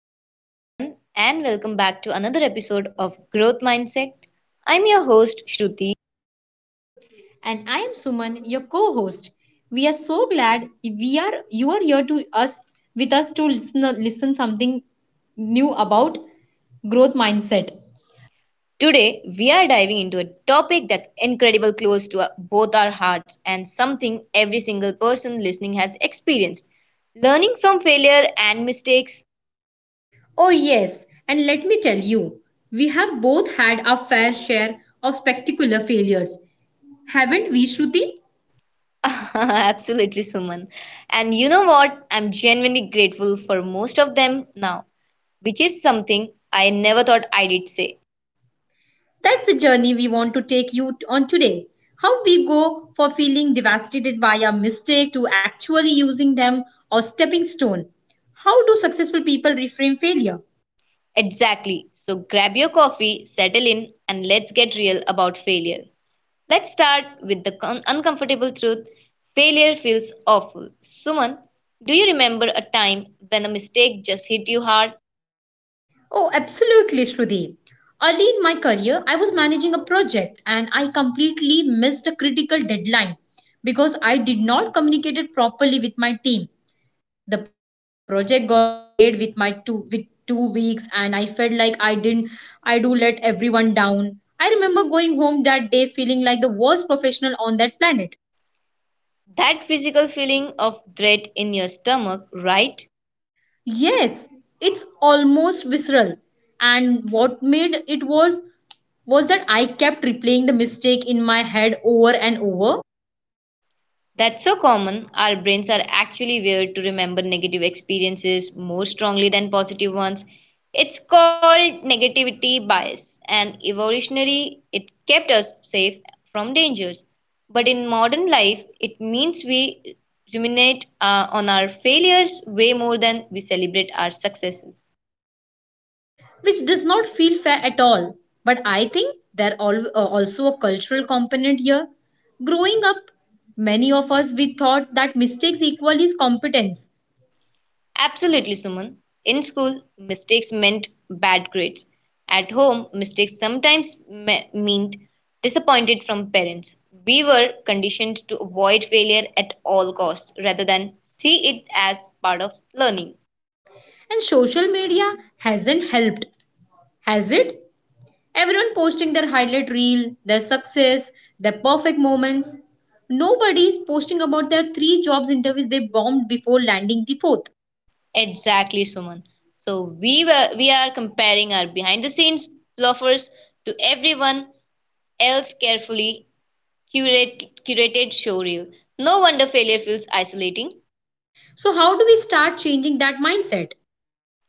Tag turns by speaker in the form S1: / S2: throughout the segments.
S1: Hello, everyone, and welcome back to another episode of Growth Mindset. I'm your host, Shruti.
S2: And I am Suman, your co-host. We are so glad we are you are here to us with us to listen, listen something new about growth mindset.
S1: Today, we are diving into a topic that's incredibly close to both our hearts and something every single person listening has experienced learning from failure and mistakes.
S2: Oh, yes, and let me tell you, we have both had our fair share of spectacular failures, haven't we, Shruti?
S1: Absolutely, Suman. And you know what? I'm genuinely grateful for most of them now, which is something I never thought I did say.
S2: That's the journey we want to take on today. How we go for feeling devastated by a mistake to actually using them or stepping stone. How do successful people reframe failure?
S1: Exactly. So grab your coffee, settle in, and let's get real about failure. Let's start with the uncomfortable truth failure feels awful. Suman, do you remember a time when a mistake just hit you hard?
S2: Oh, absolutely, Shruti. Early in my career, I was managing a project and I completely missed a critical deadline because I did not communicate it properly with my team. The project got delayed with 2 weeks and I felt like I didn't I do let everyone down. I remember going home that day feeling like the worst professional on that planet.
S1: That physical feeling of dread in your stomach, right?
S2: Yes, it's almost visceral. And what made it worse was that I kept replaying the mistake in my head over and over,
S1: That's so common. Our brains are actually wired to remember negative experiences more strongly than positive ones. It's called negativity bias, and evolutionarily, it kept us safe from dangers. But in modern life, it means we ruminate on our failures way more than we celebrate our successes.
S2: which does not feel fair at all. But I think there are also a cultural component here. Growing up, many of us we thought that mistakes equal is competence,
S1: Absolutely, Suman. In school, mistakes meant bad grades. At home, mistakes sometimes meant disappointed from parents. We were conditioned to avoid failure at all costs rather than see it as part of learning.
S2: and social media hasn't helped, has it? Everyone posting their highlight reel, their success, their perfect moments. Nobody is posting about their three jobs interviews they bombed before landing the fourth.
S1: Exactly, Suman. So we are comparing our behind the scenes bluffers to everyone else curated showreel. No wonder failure feels isolating.
S2: So, how do we start changing that mindset?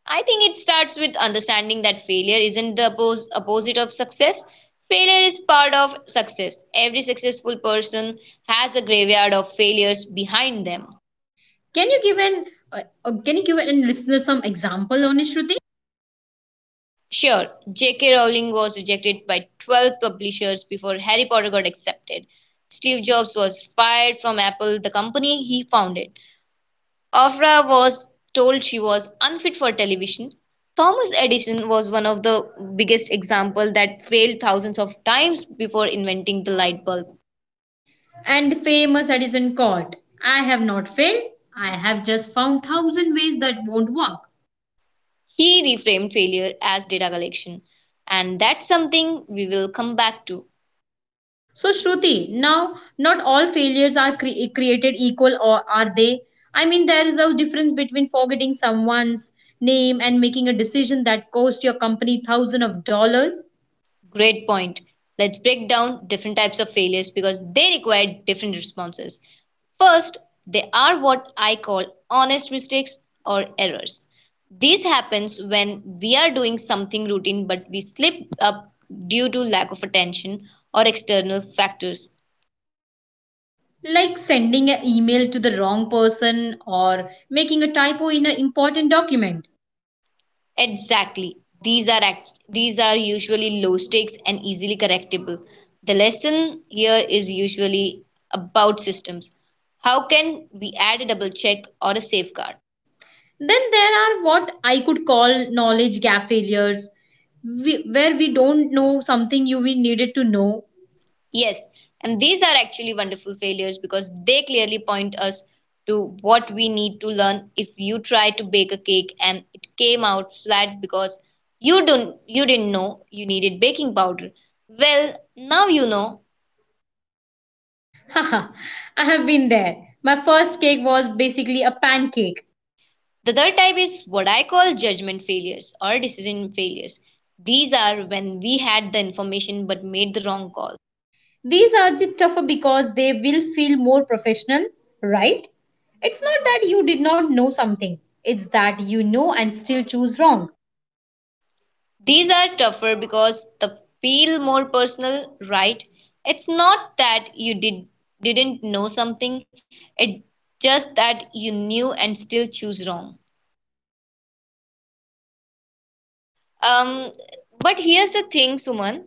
S1: I think it starts with understanding that failure isn't the opposite of success. Failure is part of success. Every successful person has a graveyard of failures behind them.
S2: Can you give an uh, can you give an listener some example on it, Shruti?
S1: Sure, J.K. Rowling was rejected by 12 publishers before Harry Potter got accepted. Steve Jobs was fired from Apple, the company he founded. After was told she was unfit for television, Thomas Edison was one of the biggest examples that failed thousands of times before inventing the light bulb.
S2: And the famous Edison quote: "I have not failed. I have just found thousand ways that won't work."
S1: He reframed failure as data collection, and that's something we will come back to.
S2: So Shruti, now not all failures are created equal, or are they? I mean, there is a difference between forgetting someone's name and making a decision that cost your company thousands of dollars,
S1: Great point. Let's break down different types of failures because they require different responses. First, they are what I call honest mistakes or errors. This happens when we are doing something routine but we slip up due to lack of attention or external factors.
S2: like sending an email to the wrong person or making a typo in an important document.
S1: Exactly. These are these are usually low stakes and easily correctable. The lesson here is usually about systems. How can we add a double check or a safeguard?
S2: Then there are what I could call knowledge gap failures, where we don't know something you we needed to know.
S1: Yes, and these are actually wonderful failures because they clearly point us to what we need to learn. If you try to bake a cake and it came out flat because you didn't know you needed baking powder, well, now you know.
S2: Haha, I have been there. My first cake was basically a pancake.
S1: The third type is what I call judgment failures or decision failures. These are when we had the information but made the wrong call.
S2: These are the tougher because they will feel more professional, right? It's not that you did not know something, it's that you know and still choose wrong.
S1: These are tougher because they feel more personal, right? It's not that you didn't know something, it's just that you knew and still choose wrong. Um, but here's the thing, Suman.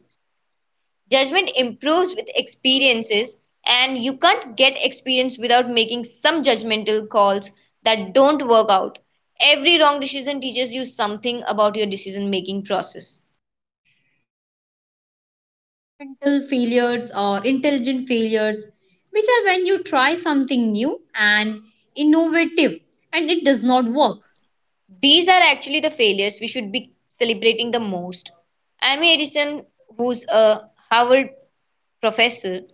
S1: Judgment improves with experiences, and you can't get experience without making some judgmental calls that don't work out. Every wrong decision teaches you something about your decision making process.
S2: Mental failures or intelligent failures, which are when you try something new and innovative and it does not work.
S1: These are actually the failures we should be celebrating the most. Amy Edison, who's a Harvard professor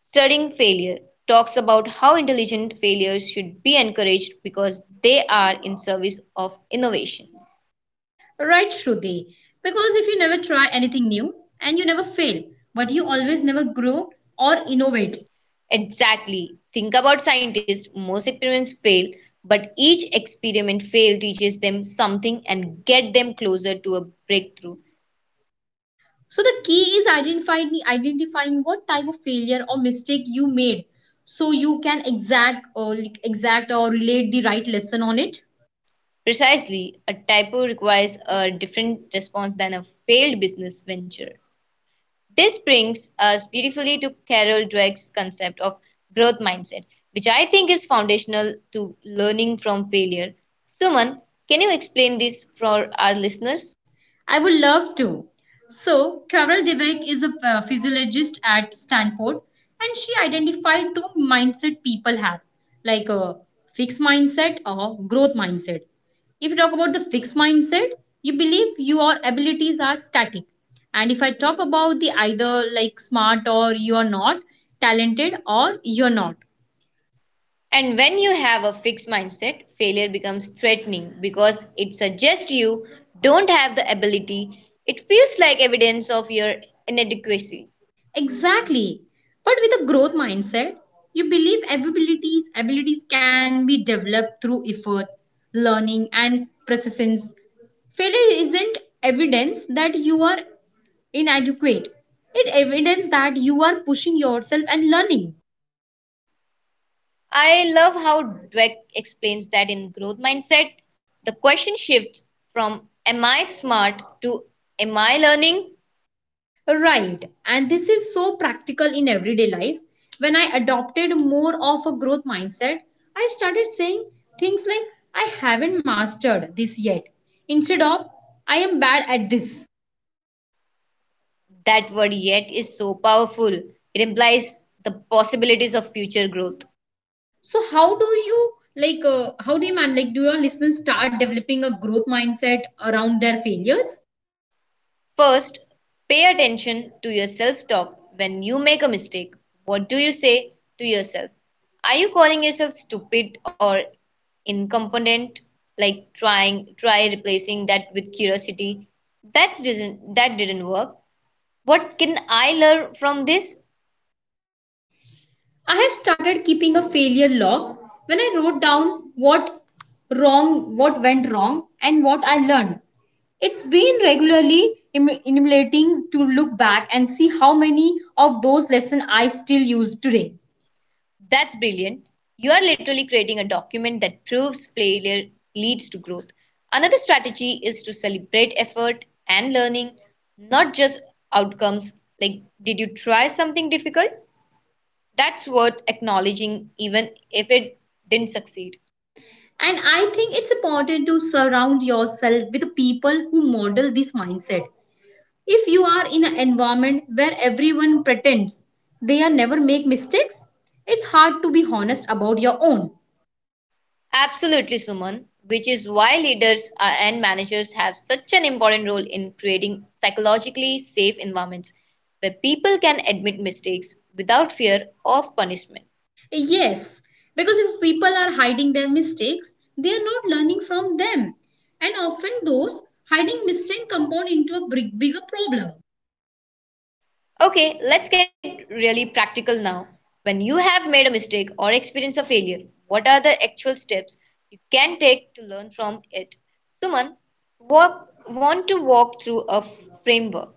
S1: studying failure, talks about how intelligent failures should be encouraged because they are in service of innovation.
S2: Right, Shruti. Because if you never try anything new and you never fail, but you always never grow or innovate.
S1: Exactly. Think about scientists. Most experiments fail, but each experiment fail teaches them something and get them closer to a breakthrough.
S2: So the key is identifying what type of failure or mistake you made, so you can exact or like, exact or relate the right lesson on it.
S1: Precisely, a typo requires a different response than a failed business venture. This brings us beautifully to Carol Dweck's concept of growth mindset, which I think is foundational to learning from failure. Suman, can you explain this for our listeners?
S2: I would love to. So, Carol Dweck is a physiologist at Stanford, and she identified two mindset people have, like a fixed mindset or growth mindset. If you talk about the fixed mindset, you believe your abilities are static. And if I talk about the either like smart or you are not, talented or you're not,
S1: And when you have a fixed mindset, failure becomes threatening because it suggests you don't have the ability. It feels like evidence of your inadequacy.
S2: Exactly. But with a growth mindset, you believe abilities can be developed through effort, learning and persistence. Failure isn't evidence that you are inadequate. It evidence that you are pushing yourself and learning.
S1: I love how Dweck explains that in growth mindset, the question shifts from am I smart to am I learning?
S2: Right. And this is so practical in everyday life. When I adopted more of a growth mindset, I started saying things like, I haven't mastered this yet, instead of, I am bad at this.
S1: That word yet is so powerful. It implies the possibilities of future growth.
S2: So, how do how do you, do your listeners start developing a growth mindset around their failures?
S1: First, pay attention to your self talk when you make a mistake. What do you say to yourself? Are you calling yourself stupid or incompetent? Like try replacing that with curiosity. That didn't work. What can I learn from this?
S2: I have started keeping a failure log when I wrote down what went wrong and what I learned. It's been regularly emulating to look back and see how many of those lessons I still use today.
S1: That's brilliant. You are literally creating a document that proves failure leads to growth. Another strategy is to celebrate effort and learning, not just outcomes. Like, did you try something difficult? That's worth acknowledging, even if it didn't succeed.
S2: And I think it's important to surround yourself with people who model this mindset. If you are in an environment where everyone pretends they are never make mistakes, it's hard to be honest about your own.
S1: Absolutely, Suman, which is why leaders and managers have such an important role in creating psychologically safe environments where people can admit mistakes without fear of punishment.
S2: Yes, because if people are hiding their mistakes, they are not learning from them. And often those hiding mistakes compound into a big, bigger problem.
S1: Okay, let's get really practical now. When you have made a mistake or experienced a failure, what are the actual steps you can take to learn from it? Suman, want to walk through a framework.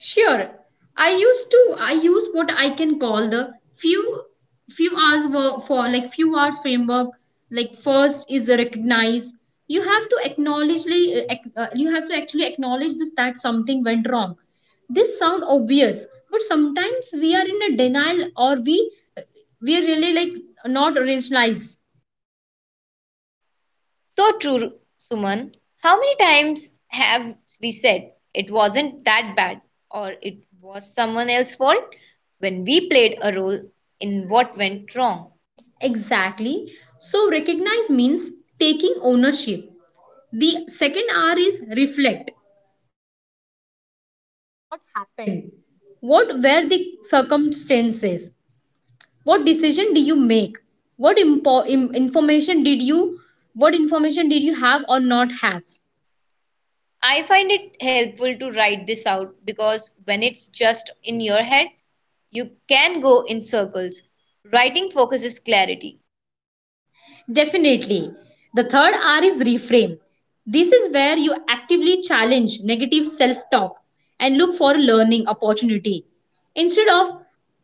S2: Sure, I use what I can call the few few hours framework. Like first is recognize. You have to you have to actually acknowledge this that something went wrong, this sound obvious but sometimes we are in a denial or we really like not recognize.
S1: So true, Suman. How many times have we said it wasn't that bad or it was someone else's fault when we played a role in what went wrong?
S2: Exactly, so recognize means taking ownership. The second R is reflect. What were the circumstances? What decision did you make? what impo- im- information did you what information did you have or not have?
S1: I find it helpful to write this out because when it's just in your head, you can go in circles. Writing focuses clarity,
S2: Definitely. The third R is reframe. This is where you actively challenge negative self talk and look for a learning opportunity. Instead of,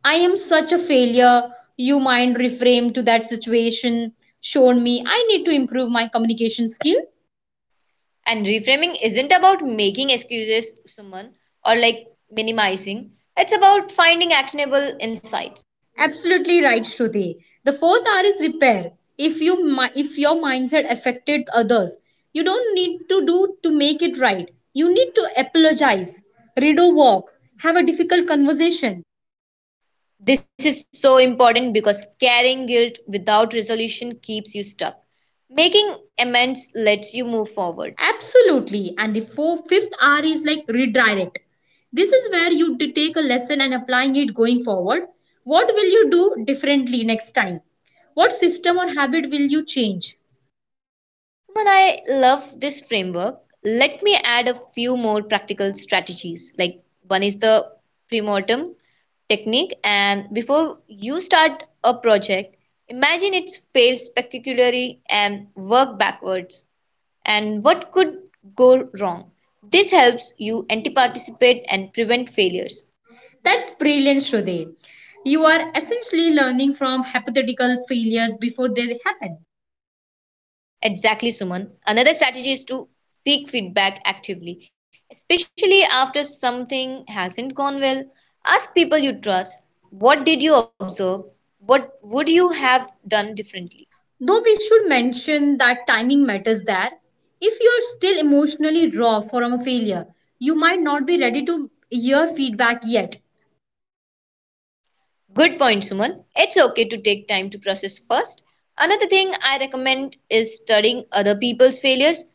S2: I am such a failure, you mind reframe to that situation, showed me I need to improve my communication skill.
S1: and reframing isn't about making excuses to someone or like minimizing, it's about finding actionable insights.
S2: Absolutely right, Shruti. The fourth R is repair. If your mindset affected others, you don't need to do to make it right. You need to apologize, read or walk, have a difficult conversation.
S1: This is so important because carrying guilt without resolution keeps you stuck. Making amends lets you move forward.
S2: Absolutely. And the fifth R is like redirect. This is where take a lesson and applying it going forward. What will you do differently next time? What system or habit will you change?
S1: Suman, I love this framework. Let me add a few more practical strategies. Like one is the premortem technique, and before you start a project, imagine it's failed spectacularly and work backwards. And what could go wrong? This helps you anticipate and prevent failures.
S2: That's brilliant, Shruti. You are essentially learning from hypothetical failures before they happen.
S1: Exactly, Suman. Another strategy is to seek feedback actively, especially after something hasn't gone well. Ask people you trust, what did you observe? What would you have done differently?
S2: Though we should mention that timing matters there. If you're still emotionally raw from a failure, you might not be ready to hear feedback yet.
S1: Good point, Suman. It's okay to take time to process first. Another thing I recommend is studying other people's failures.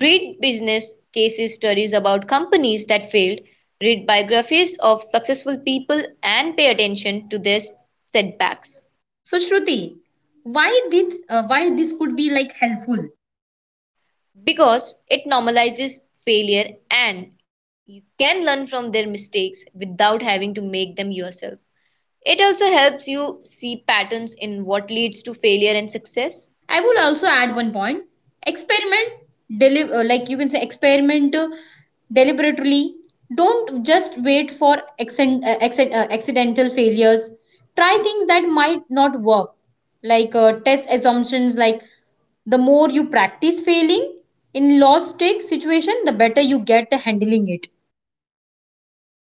S1: Read business cases studies about companies that failed, read biographies of successful people, and pay attention to their setbacks.
S2: So Shruti, why did why this could be like helpful?
S1: Because it normalizes failure and you can learn from their mistakes without having to make them yourself. It also helps you see patterns in what leads to failure and success.
S2: I will also add one point. Experiment, like you can say, experiment deliberately. Don't just wait for accidental failures. Try things that might not work, like test assumptions. Like the more you practice failing in lost take situation, the better you get at handling it.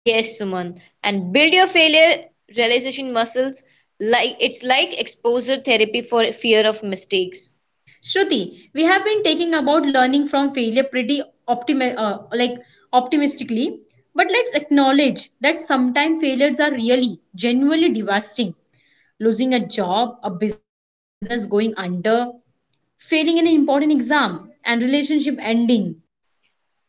S1: Yes, Suman, and build your failure realization muscles like it's like exposure therapy for fear of mistakes.
S2: Shruti, we have been taking about learning from failure pretty optimi- uh, like optimistically, but let's acknowledge that sometimes failures are really genuinely devastating. Losing a job, a business going under, failing an important exam, and relationship ending.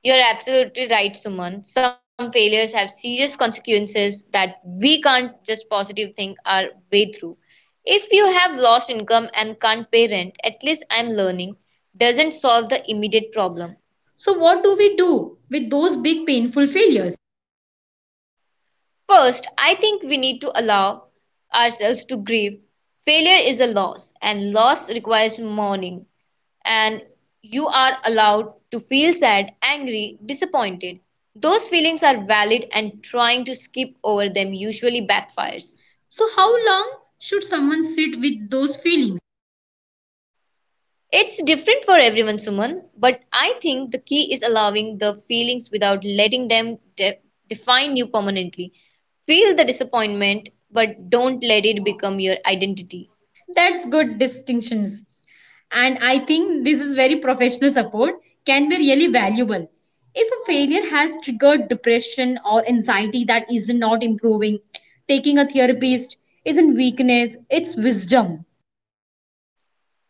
S1: You're absolutely right, Suman. Some failures have serious consequences that we can't just positive think our way through. If you have lost income and can't pay rent, at least I'm learning, doesn't solve the immediate problem.
S2: So what do we do with those big painful failures?
S1: First, I think we need to allow ourselves to grieve. Failure is a loss, and loss requires mourning. And you are allowed to feel sad, angry, disappointed. Those feelings are valid, and trying to skip over them usually backfires.
S2: So how long should someone sit with those feelings?
S1: It's different for everyone, Suman, but I think the key is allowing the feelings without letting them define you permanently. Feel the disappointment, but don't let it become your identity.
S2: That's good distinctions. And I think this is very professional support can be really valuable. If a failure has triggered depression or anxiety that is not improving, taking a therapist isn't weakness, it's wisdom.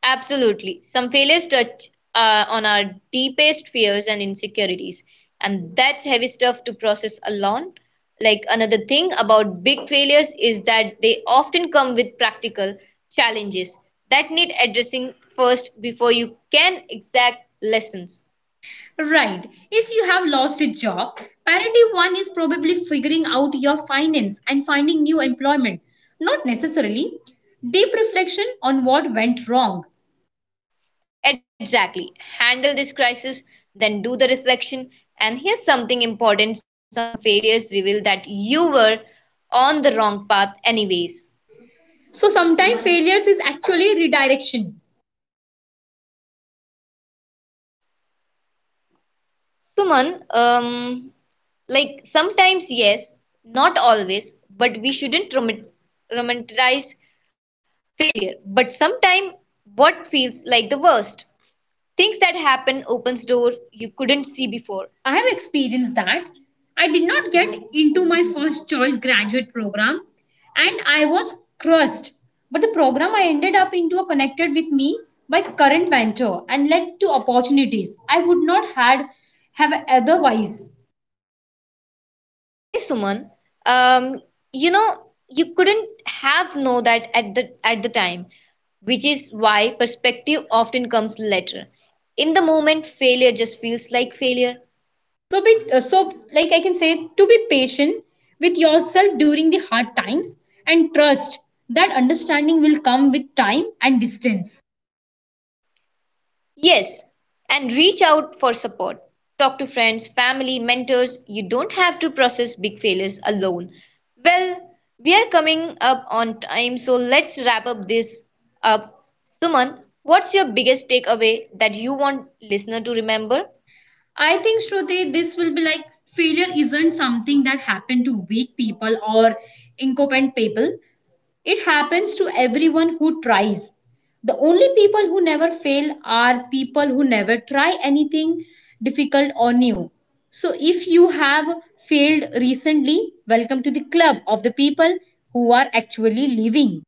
S1: Absolutely. Some failures touch on our deepest fears and insecurities, and that's heavy stuff to process alone. Like another thing about big failures is that they often come with practical challenges that need addressing first before you can exact lessons.
S2: Right. If you have lost your job, priority one is probably figuring out your finance and finding new employment. Not necessarily deep reflection on what went wrong.
S1: Exactly. Handle this crisis, then do the reflection. And here's something important some failures reveal that you were on the wrong path, anyways.
S2: So sometimes failures is actually redirection.
S1: Suman, um, like sometimes, yes, not always, but we shouldn't romanticize failure. But sometimes, what feels like the worst things that happen opens door you couldn't see before.
S2: I have experienced that. I did not get into my first choice graduate program and I was crushed. But the program I ended up into connected with me by current venture and led to opportunities I would not had have otherwise.
S1: Okay, Suman, um, you know you couldn't have know that at the time which is why perspective often comes later. In the moment, failure just feels like failure.
S2: So be so like I can say to be patient with yourself during the hard times and trust that understanding will come with time and distance.
S1: Yes, and reach out for support. Talk to friends, family, mentors. You don't have to process big failures alone. Well, we are coming up on time, so let's wrap up this up. Suman, what's your biggest takeaway that you want listener to remember?
S2: I think Shruti, this will be like failure isn't something that happened to weak people or incompetent people. It happens to everyone who tries. The only people who never fail are people who never try anything difficult or new. So if you have failed recently, welcome to the club of the people who are actually living.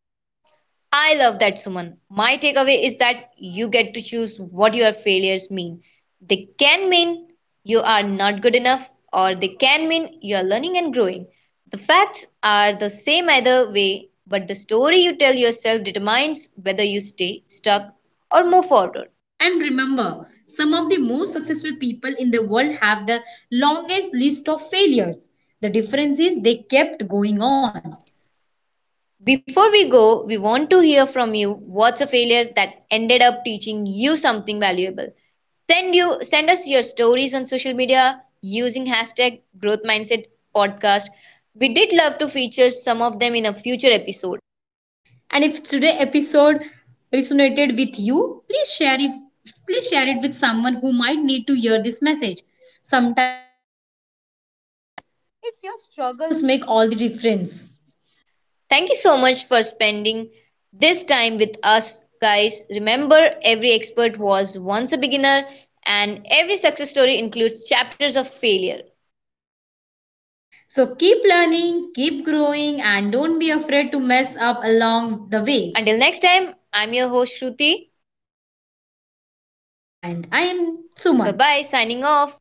S1: I love that, Suman. My takeaway is that you get to choose what your failures mean. They can mean you are not good enough, or they can mean you are learning and growing. The facts are the same either way, but the story you tell yourself determines whether you stay stuck or move forward.
S2: And remember, some of the most successful people in the world have the longest list of failures. The difference is they kept going on.
S1: Before we go, we want to hear from you. What's a failure that ended up teaching you something valuable? Send us your stories on social media using #GrowthMindsetPodcast. We did love to feature some of them in a future episode.
S2: And if today's episode resonated with you, please share it. Please share it with someone who might need to hear this message. Sometimes struggles make all the difference.
S1: Thank you so much for spending this time with us guys. Remember every expert was once a beginner and every success story includes chapters
S2: So
S1: of
S2: keep
S1: failure.
S2: learning, keep growing, and don't be afraid to mess up along the way.
S1: Until next time, I'm your
S2: And I
S1: host
S2: am
S1: Shruti.
S2: Suman.
S1: Bye-bye signing off.